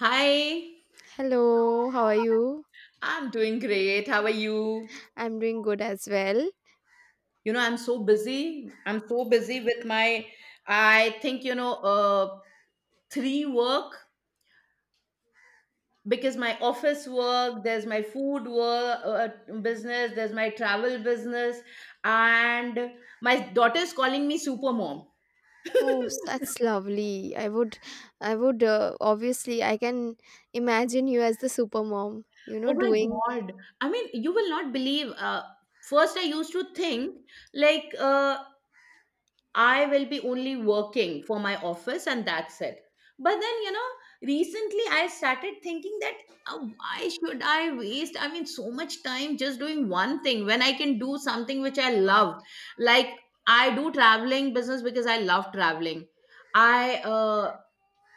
Hi, Hello, how are you? I'm doing great. How are you? I'm doing good as well. You know, I'm so busy. I'm so busy with my, I think, three work because my office work, there's my food work business, there's my travel business, and my daughter is calling me super mom. Oh, that's lovely. I would, obviously, I can imagine you as the super mom, Oh my God. I mean, you will not believe. First, I used to think like, I will be only working for my office and that's it. But then, you know, recently I started thinking that why should I waste, I mean, so much time just doing one thing when I can do something which I love? Like, I do traveling business because I love traveling. I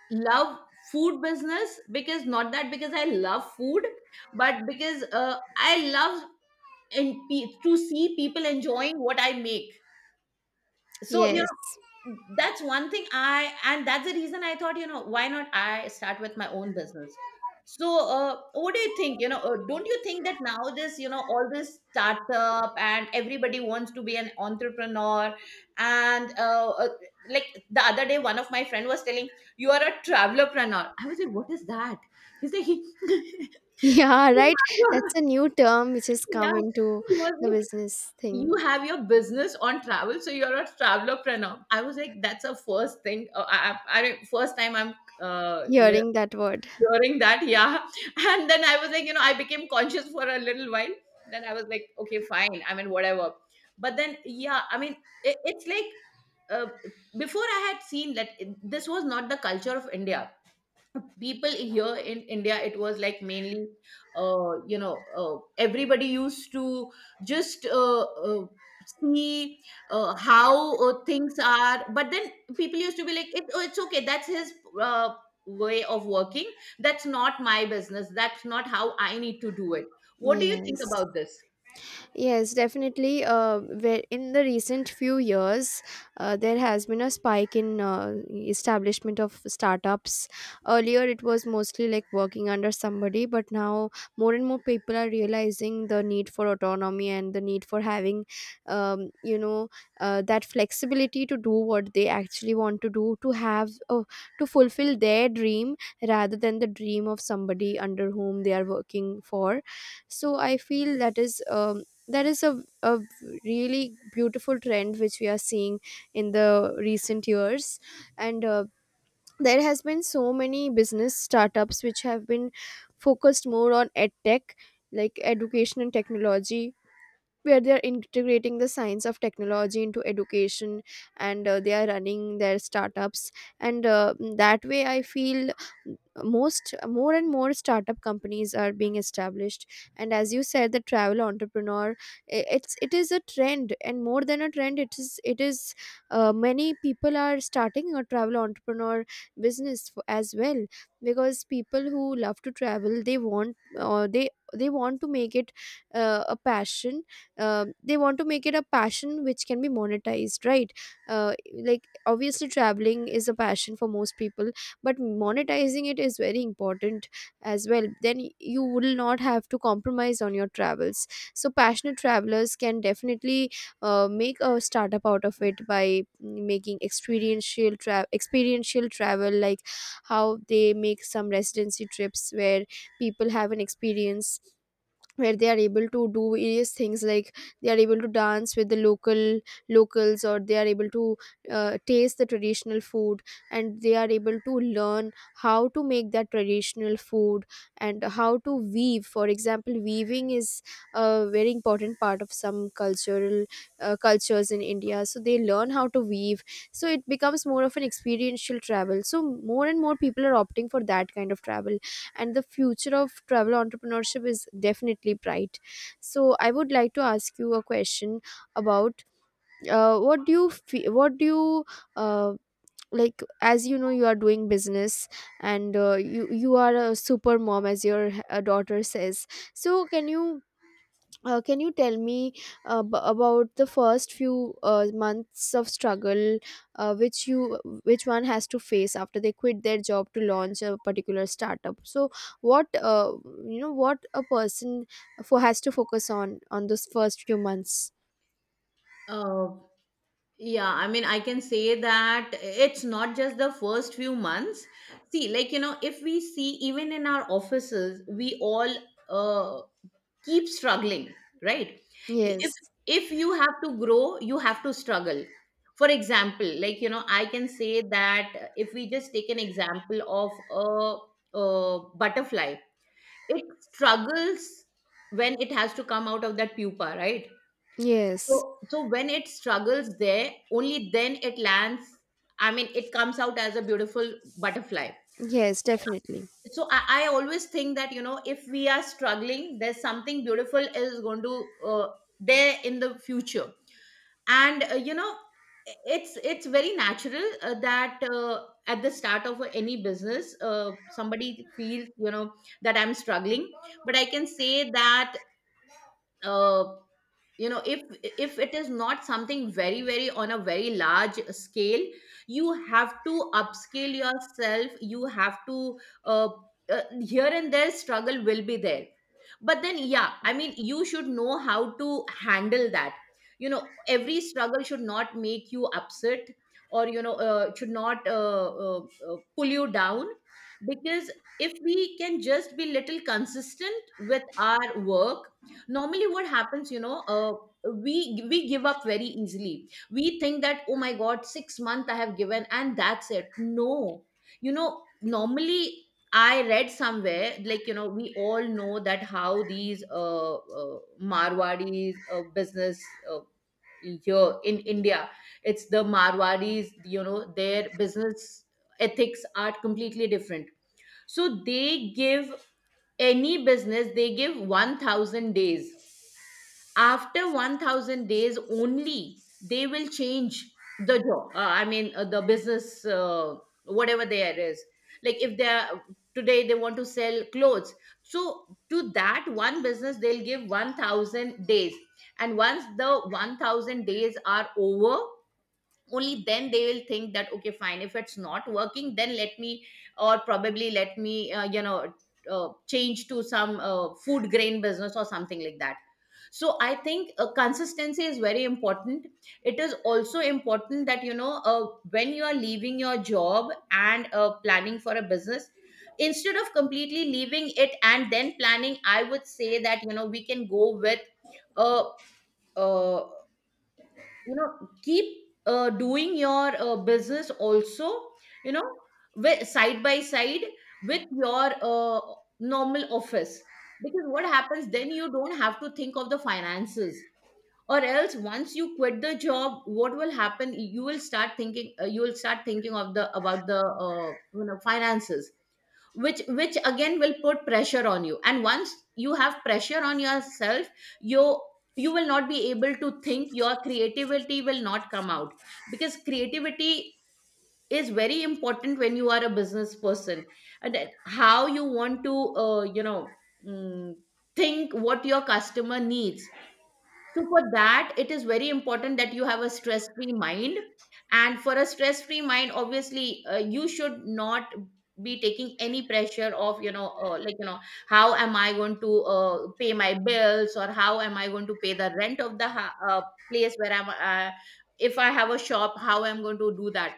love food business because not that because I love food, but because I love and to see people enjoying what I make. So, yes. That's one thing I and that's the reason I thought, you know, why not I start with my own business? So what do you think? You know, don't you think that now this, you know, all this startup and everybody wants to be an entrepreneur? And Like the other day, one of my friend was telling, you are a travelerpreneur. I was like, what is that? He's like, he Yeah, right. That's a new term which has come Yeah, into he was the like, business thing. you have your business on travel, so you're a travelopreneur. I was like, that's a first thing. I first time I'm uh, li- Hearing that word. hearing that. Yeah. And then I was like, you know, I became conscious for a little while. Then I was like, okay, fine, I mean, whatever. But then, yeah, I mean, it's like uh, before I had seen that this was not the culture of India. People here in India, it was like mainly, you know, everybody used to just uh, see how things are. But then people used to be like oh, it's okay, that's his uh, way of working. That's not my business, that's not how I need to do it. What do you think Yes. about this? Yes, definitely. Where in the recent few years, there has been a spike in establishment of startups. Earlier, it was mostly like working under somebody, but now more and more people are realizing the need for autonomy and the need for having, um, you know, that flexibility to do what they actually want to do, to fulfill their dream rather than the dream of somebody under whom they are working for. So I feel that is. That is a really beautiful trend which we are seeing in the recent years, and there has been so many business startups which have been focused more on ed tech, like education and technology, where they are integrating the science of technology into education, and they are running their startups. And That way I feel most more and more startup companies are being established. And as you said, the travel entrepreneur, it is a trend, and more than a trend, it is, many people are starting a travel entrepreneur business, as well, because people who love to travel, they want to make it, a passion, they want to make it a passion which can be monetized, right? uh, like obviously traveling is a passion for most people, but monetizing it is very important as well. Then you will not have to compromise on your travels. So passionate travelers can definitely make a startup out of it by making experiential experiential travel, like how they make some residency trips where people have an experience, where they are able to do various things, like they are able to dance with the locals, or they are able to taste the traditional food, and they are able to learn how to make that traditional food, and how to weave. For example, weaving is a very important part of some cultural cultures in India, so they learn how to weave. So it becomes more of an experiential travel. So more and more people are opting for that kind of travel, and the future of travel entrepreneurship is definitely bright. So I would like to ask you a question about, what do you what do you, uh, like, as you know, you are doing business, and you are a super mom, as your daughter says. So can you, can you tell me, about the first few months of struggle, which you, which one has to face after they quit their job to launch a particular startup. So what, you know, what a person for has to focus on those first few months? Uh, Yeah, I mean, I can say that it's not just the first few months. See, like, you know, if we see even in our offices, we all uh, keep struggling, right? If Yes. if you have to grow, you have to struggle. For example, like, you know, I can say that if we just take an example of a butterfly, it struggles when it has to come out of that pupa, right? Yes. So, when it struggles there, only then it lands. I mean, it comes out as a beautiful butterfly. Yes, definitely. So I always think that, you know, if we are struggling, there's something beautiful is going to there in the future. And you know, it's very natural that at the start of any business, somebody feels, you know, that I'm struggling. But I can say that. Uh, you know, if it is not something very very on a very large scale, you have to upscale yourself. You have to uh, here and there, struggle will be there. But then, yeah, I mean, you should know how to handle that. You know, every struggle should not make you upset or, you know, should not pull you down. Because if we can just be little consistent with our work, normally what happens, you know, we give up very easily. We think that, oh my god, 6 months I have given and that's it. No, you know, normally, I read somewhere, like, you know, we all know that how these marwadis business uh, here in India, it's the marwadis, you know, their business ethics are completely different. So they give any business, they give 1000 days. After 1000 days only, they will change the job. I mean, the business, whatever there is. Like if they are today they want to sell clothes. So to that one business, they'll give 1000 days. And once the 1000 days are over, only then they will think that okay, fine, if it's not working, then let me, or probably let me, you know, change to some food grain business or something like that. So I think consistency is very important. It is also important that, you know, when you are leaving your job and planning for a business, instead of completely leaving it and then planning, I would say that, you know, we can go with a uh, you know, keep doing your business also, you know, side by side with your uh, normal office. Because what happens, then you don't have to think of the finances. Or else once you quit the job, what will happen, you will start thinking, you will start thinking of the about the uh, you know, finances, which again will put pressure on you. And once you have pressure on yourself, you you will not be able to think, your creativity will not come out. Because creativity is very important when you are a business person, and that how you want to you know, mm, think what your customer needs. So for that, it is very important that you have a stress-free mind. And for a stress-free mind, obviously, you should not be taking any pressure of, you know, like, you know, how am I going to pay my bills, or how am I going to pay the rent of the place where I'm if I have a shop, how I'm going to do that.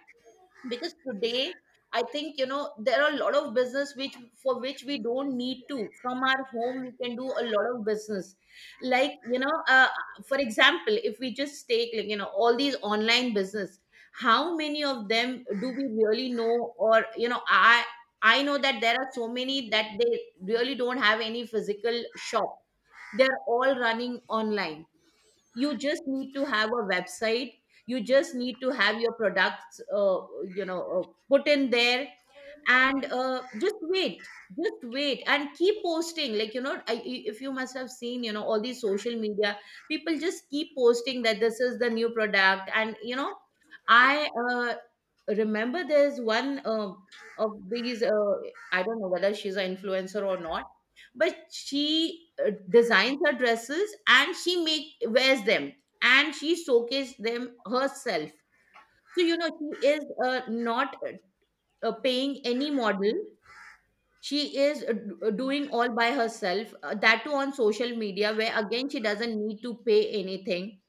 Because today, I think, you know, there are a lot of business which, for which we don't need to, from our home we can do a lot of business. Like, you know, for example, if we just take, like, you know, all these online business, how many of them do we really know? Or you know, I know that there are so many that they really don't have any physical shop. They're all running online. You just need to have a website. You just need to have your products you know uh, put in there. And just wait, just wait and keep posting. Like, you know, if you must have seen, you know, all these social media, people just keep posting that this is the new product. And you know, I remember there's one of these, I don't know whether she's an influencer or not, but she designs her dresses and she make wears them, and she showcased them herself. So you know, she is not paying any model. She is doing all by herself, that too on social media, where again she doesn't need to pay anything.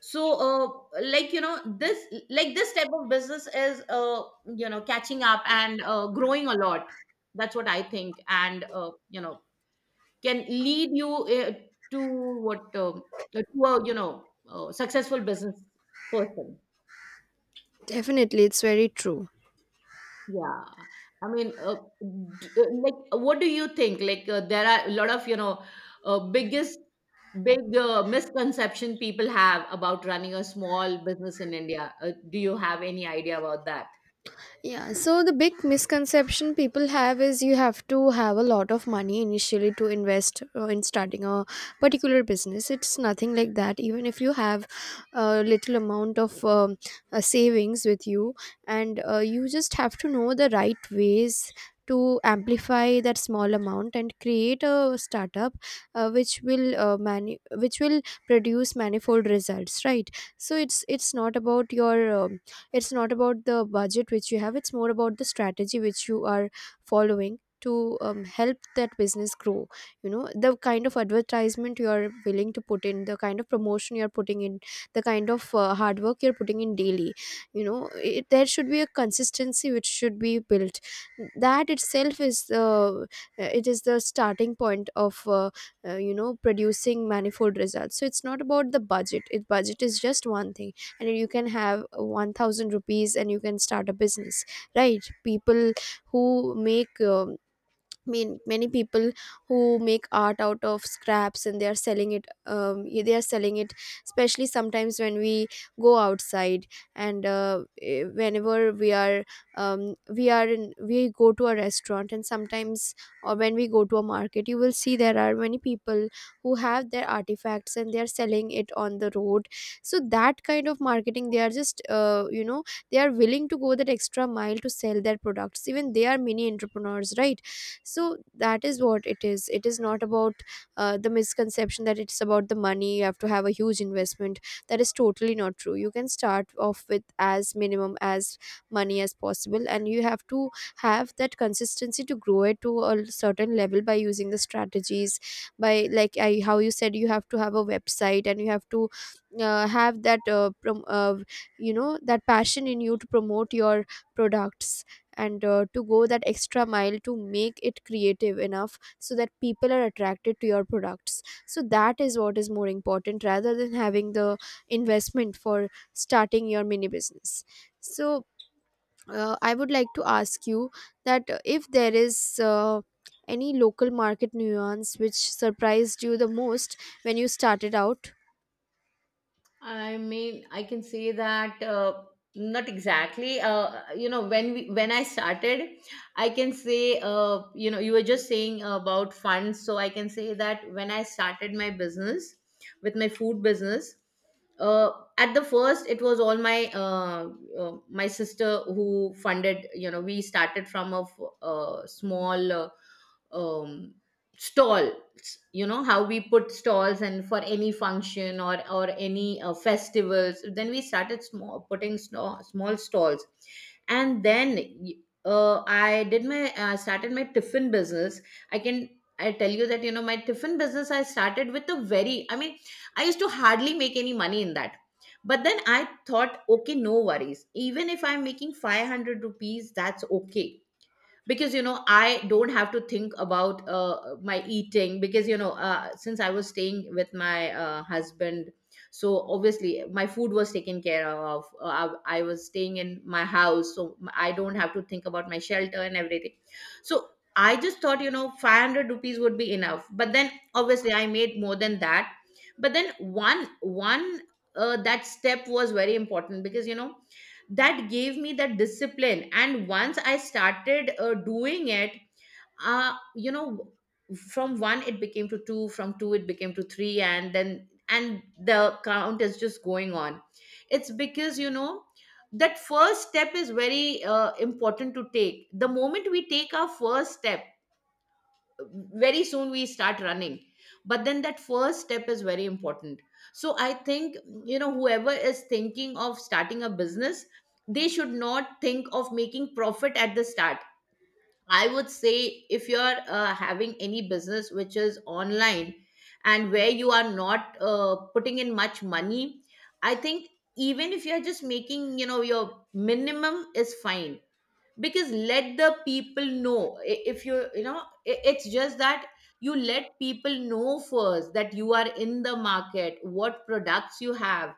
So like, you know, this type of business is, you know, catching up and growing a lot. That's what I think. And you know, can lead you to what, to a, you know, successful business person. Definitely, it's very true. Yeah, I mean, like, what do you think, like, there are a lot of, you know, uh, biggest big misconception people have about running a small business in India? Do you have any idea about that? Yeah, so the big misconception people have is you have to have a lot of money initially to invest in starting a particular business. It's nothing like that. Even if you have a little amount of savings with you, and you just have to know the right ways to amplify that small amount and create a startup which will produce manifold results, right? So it's not about your it's not about the budget which you have, it's more about the strategy which you are following to, help that business grow. You know, the kind of advertisement you are willing to put in, the kind of promotion you are putting in, the kind of hard work you're putting in daily. You know there should be a consistency which should be built. That itself is the it is the starting point of you know, producing manifold results. So it's not about the budget. It budget is just one thing, and you can have 1000 rupees and you can start a business, right? people who make mean many people who make art out of scraps and they are selling it, they are selling it, especially sometimes when we go outside, whenever we are we are we go to a restaurant, and sometimes or when we go to a market, you will see there are many people who have their artifacts and they are selling it on the road. So that kind of marketing, they are just you know, they are willing to go that extra mile to sell their products. Even they are mini entrepreneurs, right? So that is what it is. It is not about, the misconception that it's about the money, you have to have a huge investment. That is totally not true. You can start off with as minimum as money as possible, and you have to have that consistency to grow it to a certain level by using the strategies, by, like, I, how you said, you have to have a website, and you have to have that you know, that passion in you to promote your products, and to go that extra mile to make it creative enough so that people are attracted to your products. So that is what is more important rather than having the investment for starting your mini business. So, I would like to ask you that, if there is, any local market nuance which surprised you the most when you started out. I mean, I can say that not exactly. You know, when I started, I can say, you know, you were just saying about funds, so I can say that when I started my business with my food business, uh, at the first it was all my my sister who funded. You know, we started from a small. Um, Stalls, you know, how we put stalls, and for any function or any festivals. Then we started small, putting small stalls. and then y- I did my, I started my tiffin business. i can I tell you that, you know, my tiffin business, I started with a very, I mean, I used to hardly make any money in that. But then I thought, okay, no worries, even if I'm making 500 rupees, that's okay. Because, you know, I don't have to think about my eating, because, you know, since I was staying with my husband, so obviously my food was taken care of. I was staying in my house, so I don't have to think about my shelter and everything. So I just thought, you know, 500 rupees would be enough, but then obviously I made more than that. But then, one one that step was very important, because, you know, that gave me that discipline. And once I started doing it, uh, you know from one it became to two, from two it became to three, and then, and the count is just going on. It's because, you know, that first step is very important to take. The moment we take our first step, very soon we start running. But then that first step is very important. So I think, you know, whoever is thinking of starting a business, they should not think of making profit at the start. I would say if you're having any business which is online, and where you are not putting in much money, I think even if you're just making, you know, your minimum is fine. Because let the people know, if you, you know, it's just that you let people know first that you are in the market, what products you have.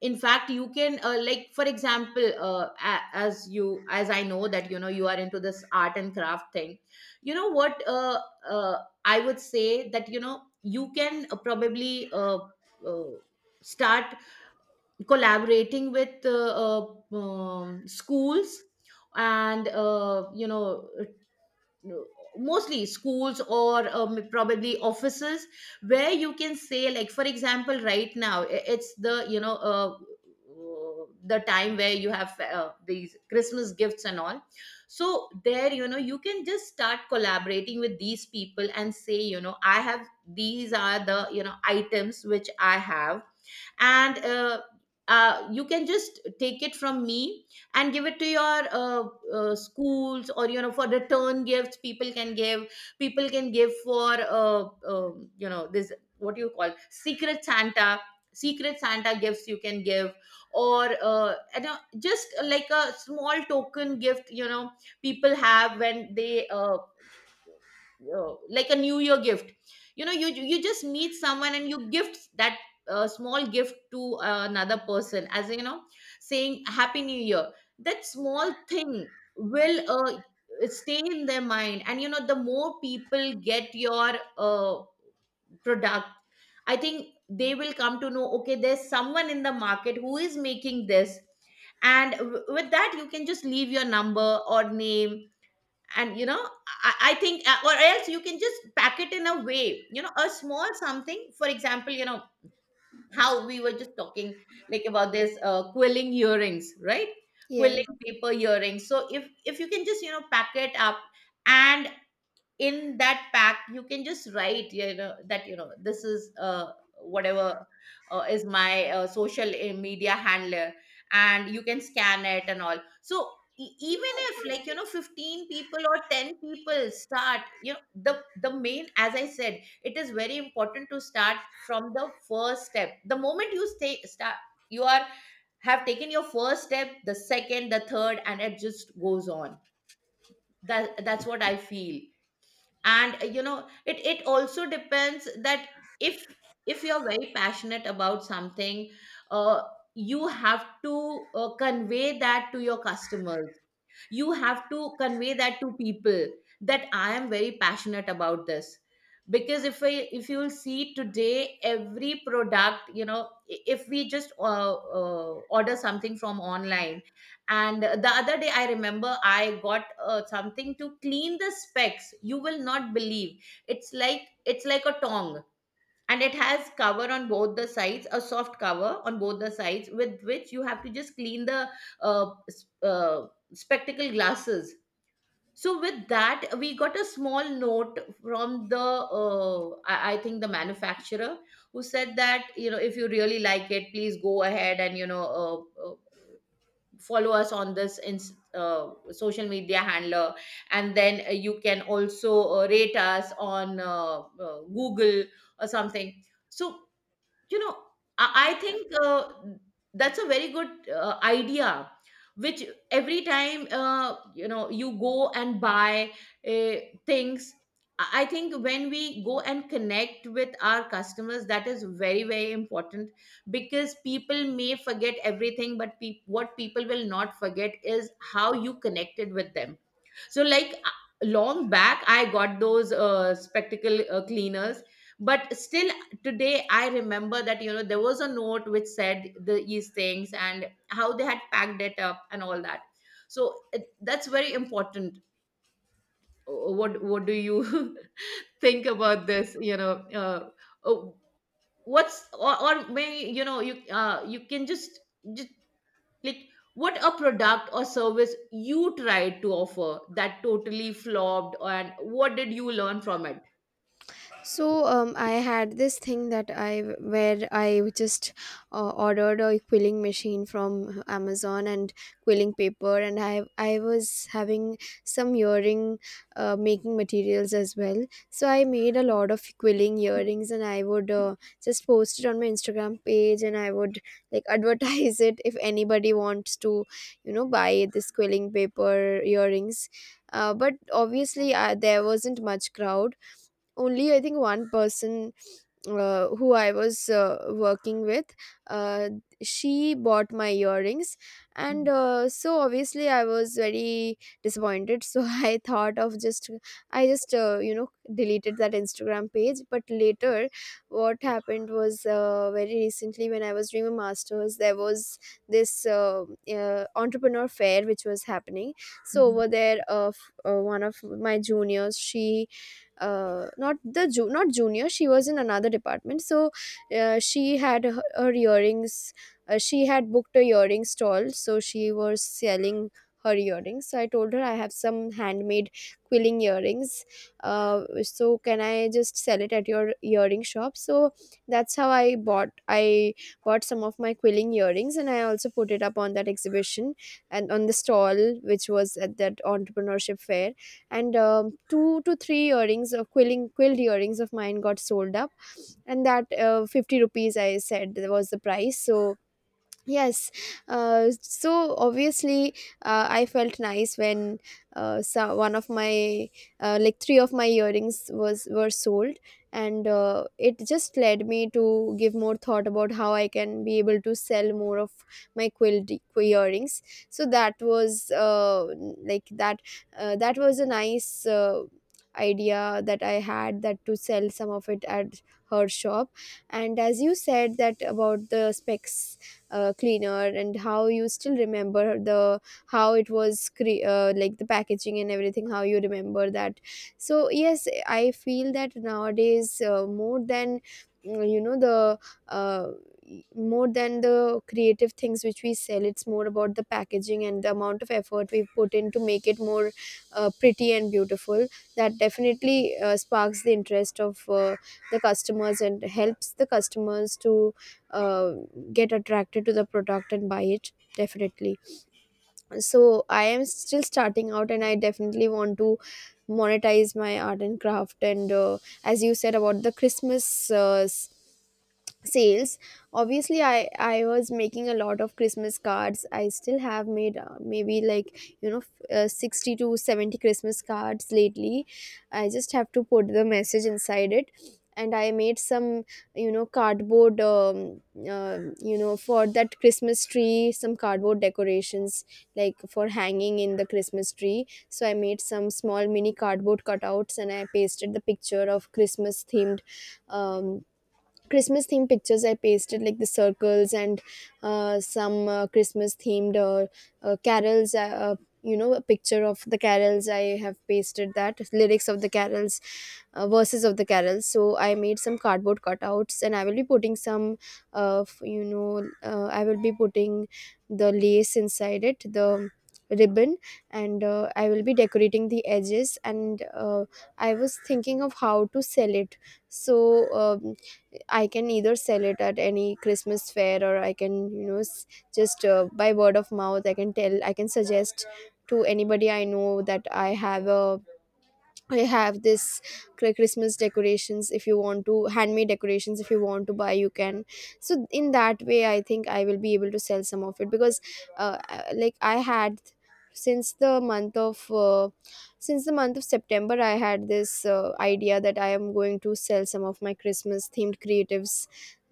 In fact, you can like for example, as you, as I know that, you know, you are into this art and craft thing. You know what, uh, I would say that, you know, you can probably uh, start collaborating with schools. And, uh, mostly schools, or probably offices, where you can say, like for example, right now, it's the, you know, the time where you have these Christmas gifts and all. So there, you know, you can just start collaborating with these people and say, you know, I have, these are the, you know, items which I have. And you can just take it from me and give it to your schools, or you know, for return gifts people can give. People can give for you know, this, what do you call, secret santa. Secret santa gifts you can give. Or you know, just like a small token gift. You know, people have, when they like a new year gift. You know, you just meet someone and you gift that small gift to another person, as you know, saying happy new year. That small thing will stay in their mind. And you know, the more people get your uh, product, I think they will come to know, okay, there's someone in the market who is making this. And with that you can just leave your number or name. And you know, I think or else you can just pack it in a way, you know, a small something. For example, you know, how we were just talking, like about this quilling earrings, right? Yes. Quilling paper earrings. So if you can just, you know, pack it up, and in that pack you can just write, you know, that, you know, this is uh, whatever is my social media handler, and you can scan it and all. So even if, like, you know, 15 people or 10 people start, you know, the main, as I said, it is very important to start from the first step. The moment you stay start, you are, have taken your first step, the second, the third, and it just goes on. That's what I feel. And you know, it also depends that if if you're very passionate about something, uh, you have to convey that to your customers. You have to convey that to people, that I am very passionate about this. Because if you'll see today, every product, you know, if we just uh, order something from online. And the other day I remember I got something to clean the specs. You will not believe, it's like, it's like a tong, and it has cover on both the sides, a soft cover on both the sides, with which you have to just clean the uh, s- uh, spectacle glasses. So with that we got a small note from the I think the manufacturer, who said that, you know, if you really like it, please go ahead and you know, uh, uh, follow us on this in social media handler. And then you can also rate us on Google or something. So you know, I think that's a very good idea. Which, every time you know, you go and buy uh, things, I think when we go and connect with our customers, that is very, very important. Because people may forget everything, but peop what people will not forget is how you connected with them. So like, long back, I got those spectacle cleaners. But still today, I remember that, you know, there was a note which said the these things, and how they had packed it up and all that. So that's very important. What do you think about this? You know, uh, uh, what's, or may, you know, you you can just, like, what a product or service you tried to offer that totally flopped, and what did you learn from it? So I had this thing that I, where I just ordered a quilling machine from Amazon and quilling paper, and I was having some earring making materials as well. So I made a lot of quilling earrings, and I would just post it on my Instagram page, and I would, like, advertise it if anybody wants to, you know, buy this quilling paper earrings. But obviously, there wasn't much crowd, only I think one person who I was working with, uh, she bought my earrings. and Mhm, uh, so obviously I was very disappointed, so I thought of just, I just, deleted that Instagram page. But later what happened was, very recently when I was doing my masters, there was this entrepreneur fair which was happening. So mhm. over there, one of my juniors, she, not the not junior, she was in another department. So she had her earrings, she had booked a earring stall, so she was selling her earrings. So I told her I have some handmade quilling earrings, so can I just sell it at your earring shop? So that's how I bought some of my quilling earrings, and I also put it up on that exhibition, and on the stall which was at that entrepreneurship fair. And two to three earrings of quilling quilled earrings of mine got sold up, and that 50 rupees I said was the price. So yes, so obviously, I felt nice when, so one of my, like three of my earrings was were sold, and it just led me to give more thought about how I can be able to sell more of my quilt earrings. So that was like that that was a nice idea that I had, that to sell some of it at her shop. And as you said that about the specs cleaner, and how you still remember the how it was like the packaging and everything, how you remember that. So yes, I feel that nowadays, more than mm, you know the uh, more than the creative things which we sell, it's more about the packaging and the amount of effort we put in to make it more pretty and beautiful. That definitely sparks the interest of the customers, and helps the customers to uh, get attracted to the product and buy it definitely. So I am still starting out, and I definitely want to monetize my art and craft. And as you said about the Christmas sales, obviously I was making a lot of Christmas cards. I still have made maybe like 60 to 70 Christmas cards lately. I just have to put the message inside it. And I made some, you know, cardboard you know, for that Christmas tree, some cardboard decorations, like for hanging in the Christmas tree. So I made some small mini cardboard cutouts, and I pasted the picture of Christmas themed um, Christmas themed pictures. I pasted like the circles, and some Christmas themed carols. You know, a picture of the carols. I have pasted that lyrics of the carols, verses of the carols. So I made some cardboard cutouts, and I will be putting some, I will be putting the lace inside it, the ribbon, and I will be decorating the edges. And I was thinking of how to sell it. So I can either sell it at any Christmas fair, or I can, you know, s- just by word of mouth, I can tell, I can suggest to anybody I know that I have this Christmas decorations. If you want to handmade decorations, if you want to buy, you can. So in that way I think I will be able to sell some of it. Because like I had, since the month of uh, since the month of September, I had this idea that I am going to sell some of my Christmas themed creatives.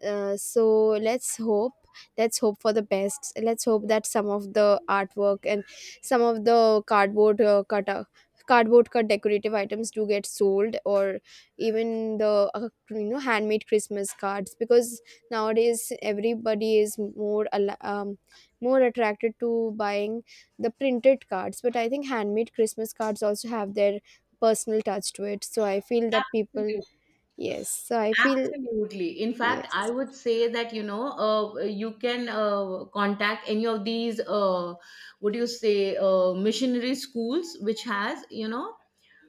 So let's hope, let's hope for the best. Let's hope that some of the artwork and some of the cardboard cut cardboard cut decorative items do get sold, or even the you know, handmade Christmas cards. Because nowadays everybody is more al- um, more attracted to buying the printed cards. But I think handmade Christmas cards also have their personal touch to it. So I feel that people, Absolutely, yes, so I feel, absolutely. In fact, I yes. would say that, you know, you can contact any of these, what do you say, missionary schools, which has, you know,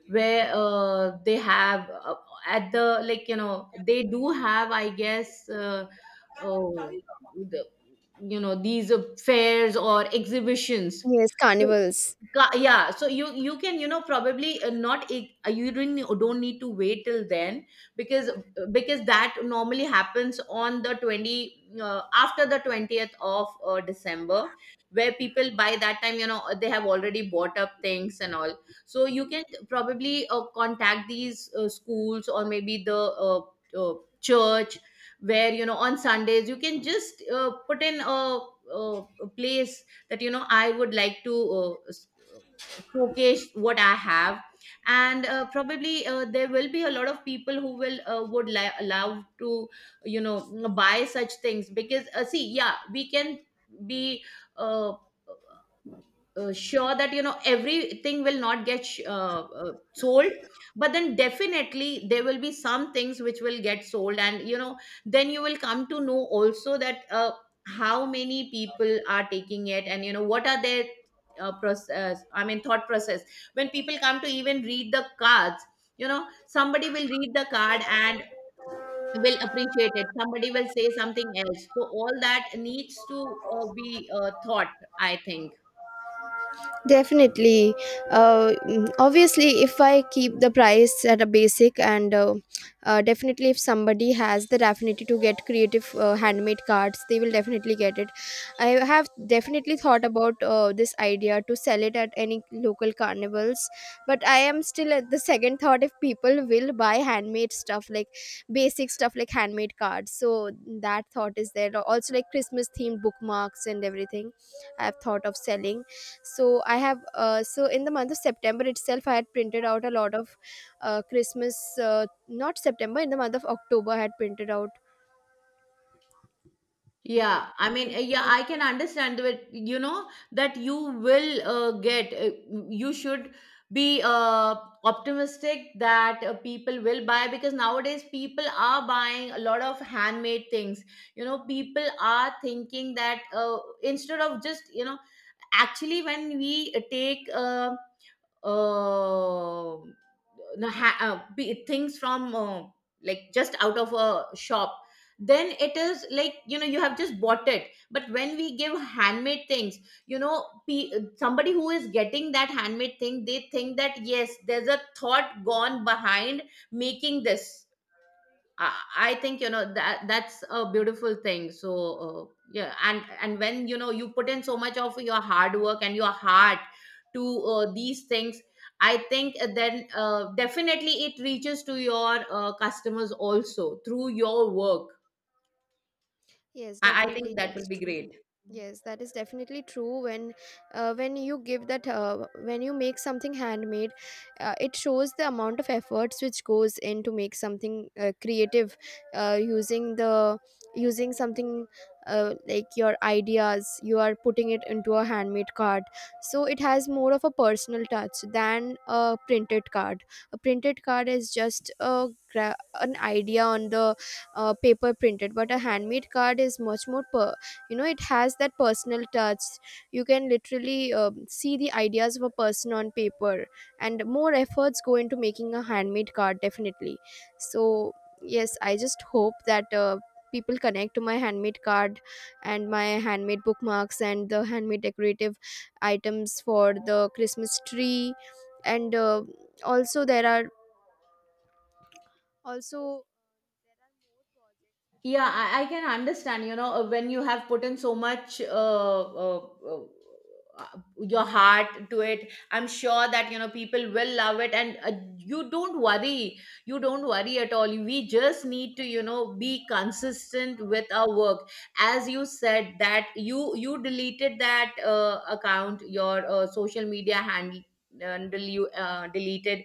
where they have at the, like, you know, they do have, I guess, uh, the, you know, these fairs or exhibitions. Yes, So, carnivals. Yeah, so you can, you know, probably not ig- you don't need to wait till then. Because because that normally happens on the 20, after the 20th of December. Where people, by that time, you know, they have already bought up things and all. So you can probably contact these schools, or maybe the uh, uh, church, where you know, on Sundays, you can just put in a, a a place, that you know, I would like to uh, s- showcase what I have. And probably there will be a lot of people who will love to, you know, buy such things. Because see, yeah, we can be. Uh, sure that, you know, everything will not get sold, but then definitely there will be some things which will get sold. And you know, then you will come to know also that how many people are taking it, and you know, what are their process, I mean, thought process, when people come to even read the cards. You know, somebody will read the card and will appreciate it, somebody will say something else. So all that needs to be thought, I think. Definitely. Obviously, if I keep the price at a basic, and definitely if somebody has the affinity to get creative handmade cards, they will definitely get it. I have definitely thought about this idea to sell it at any local carnivals, but I am still at the second thought if people will buy handmade stuff, like basic stuff like handmade cards. So that thought is there. Also, like Christmas themed bookmarks and everything, I have thought of selling. So I have, so in the month of September itself I had printed out a lot of Christmas, not September, in the month of October I had printed out. Okay. Yeah, I mean, In, yeah, in. I can understand that, you know, that you will get, you should be optimistic that people will buy, because nowadays people are buying a lot of handmade things. You know, people are thinking that instead of just, you know, actually when we take uh, things from like, just out of a shop, then it is like, you know, you have just bought it. But when we give handmade things, you know, somebody who is getting that handmade thing, they think that, yes, there's a thought gone behind making this. I think, you know, that that's a beautiful thing. So yeah, and when you know, you put in so much of your hard work and your heart to these things, I think then definitely it reaches to your customers also through your work. Yes, I think definitely, that will that's be true. great. Yes, that is definitely true. When you give that, when you make something handmade, it shows the amount of efforts which goes in to make something creative, using the, using something like your ideas. You are putting it into a handmade card, so it has more of a personal touch than a printed card. A printed card is just a an idea on the paper, printed. But a handmade card is much more you know, it has that personal touch. You can literally see the ideas of a person on paper, and more efforts go into making a handmade card, definitely. So yes, I just hope that people connect to my handmade card and my handmade bookmarks and the handmade decorative items for the Christmas tree. And also there are, also. Yeah, I can understand, you know, when you have put in so much uh, your heart to it, I'm sure that, you know, people will love it. And you don't worry. You don't worry at all. We just need to, you know, be consistent with our work. As you said that you deleted that account, your social media handle you deleted,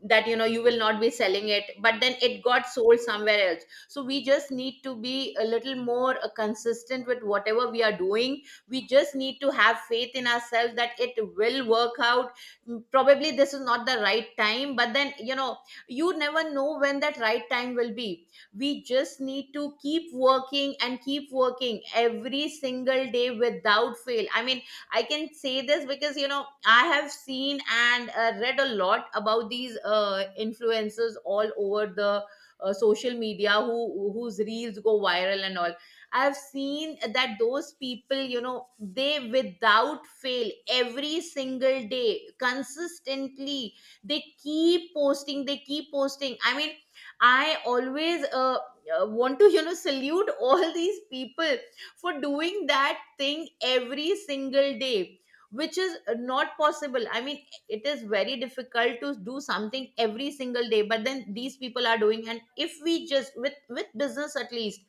that you know, you will not be selling it, but then it got sold somewhere else. So we just need to be a little more consistent with whatever we are doing. We just need to have faith in ourselves that it will work out. Mm, probably this is not the right time, but then you know, you never know when that right time will be. We just need to keep working and keep working every single day without fail. I mean, I can say this because, you know, I have seen and read a lot about these influencers all over the social media, who, whose reels go viral and all. I've seen that those people, you know, they, without fail, every single day consistently, they keep posting, they keep posting. I mean, I always want to, you know, salute all these people for doing that thing every single day, which is not possible. I mean, it is very difficult to do something every single day, but then these people are doing. And if we just, with business, at least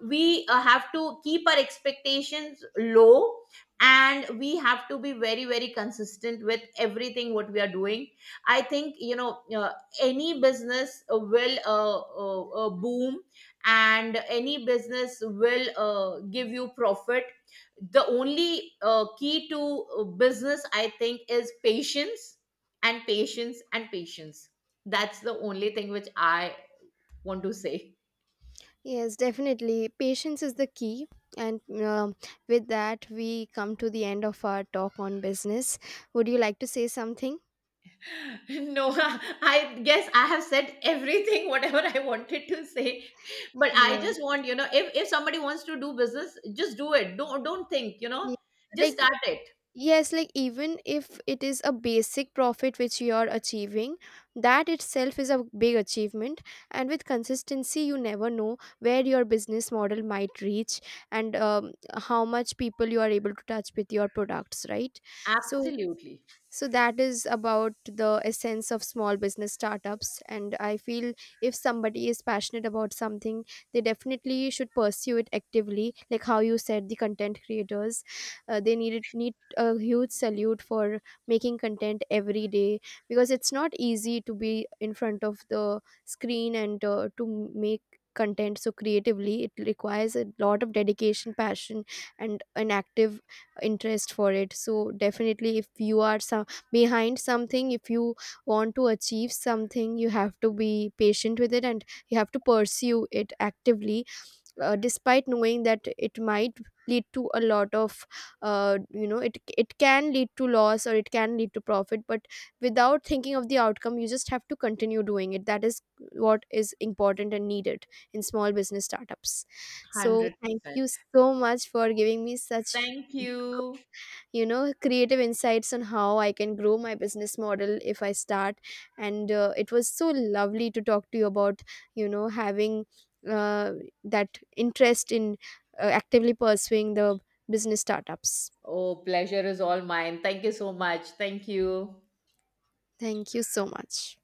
we have to keep our expectations low, and we have to be very, very consistent with everything what we are doing. I think, you know, any business will boom, and any business will give you profit. The only key to business, I think, is patience, and patience, and patience. That's the only thing which I want to say. Yes, definitely. Patience is the key. And with that, we come to the end of our talk on business. Would you like to say something? No. I guess I have said everything whatever I wanted to say. But I Yes. just want, you know, if somebody wants to do business, just do it. Don't think, you know, Yeah. just Like, start it. yes, like even if it is a basic profit which you are achieving, that itself is a big achievement. And with consistency, you never know where your business model might reach, and how much people you are able to touch with your products, right? So, Absolutely. so that is about the essence of small business startups. And I feel if somebody is passionate about something, they definitely should pursue it actively. Like how you said, the content creators, they need a huge salute for making content every day, because it's not easy to be in front of the screen, and to make content so creatively. It requires a lot of dedication, passion, and an active interest for it. So definitely, if you are some behind something, if you want to achieve something, you have to be patient with it, and you have to pursue it actively, despite knowing that it might lead to a lot of you know, it can lead to loss or it can lead to profit. But without thinking of the outcome, you just have to continue doing it. That is what is important and needed in small business startups. So thank 100%. you so much for giving me such, Thank you. you know, creative insights on how I can grow my business model if I start. And it was so lovely to talk to you about, you know, having uh, that interest in actively pursuing the business startups. Oh, pleasure is all mine. Thank you so much. Thank you. Thank you so much.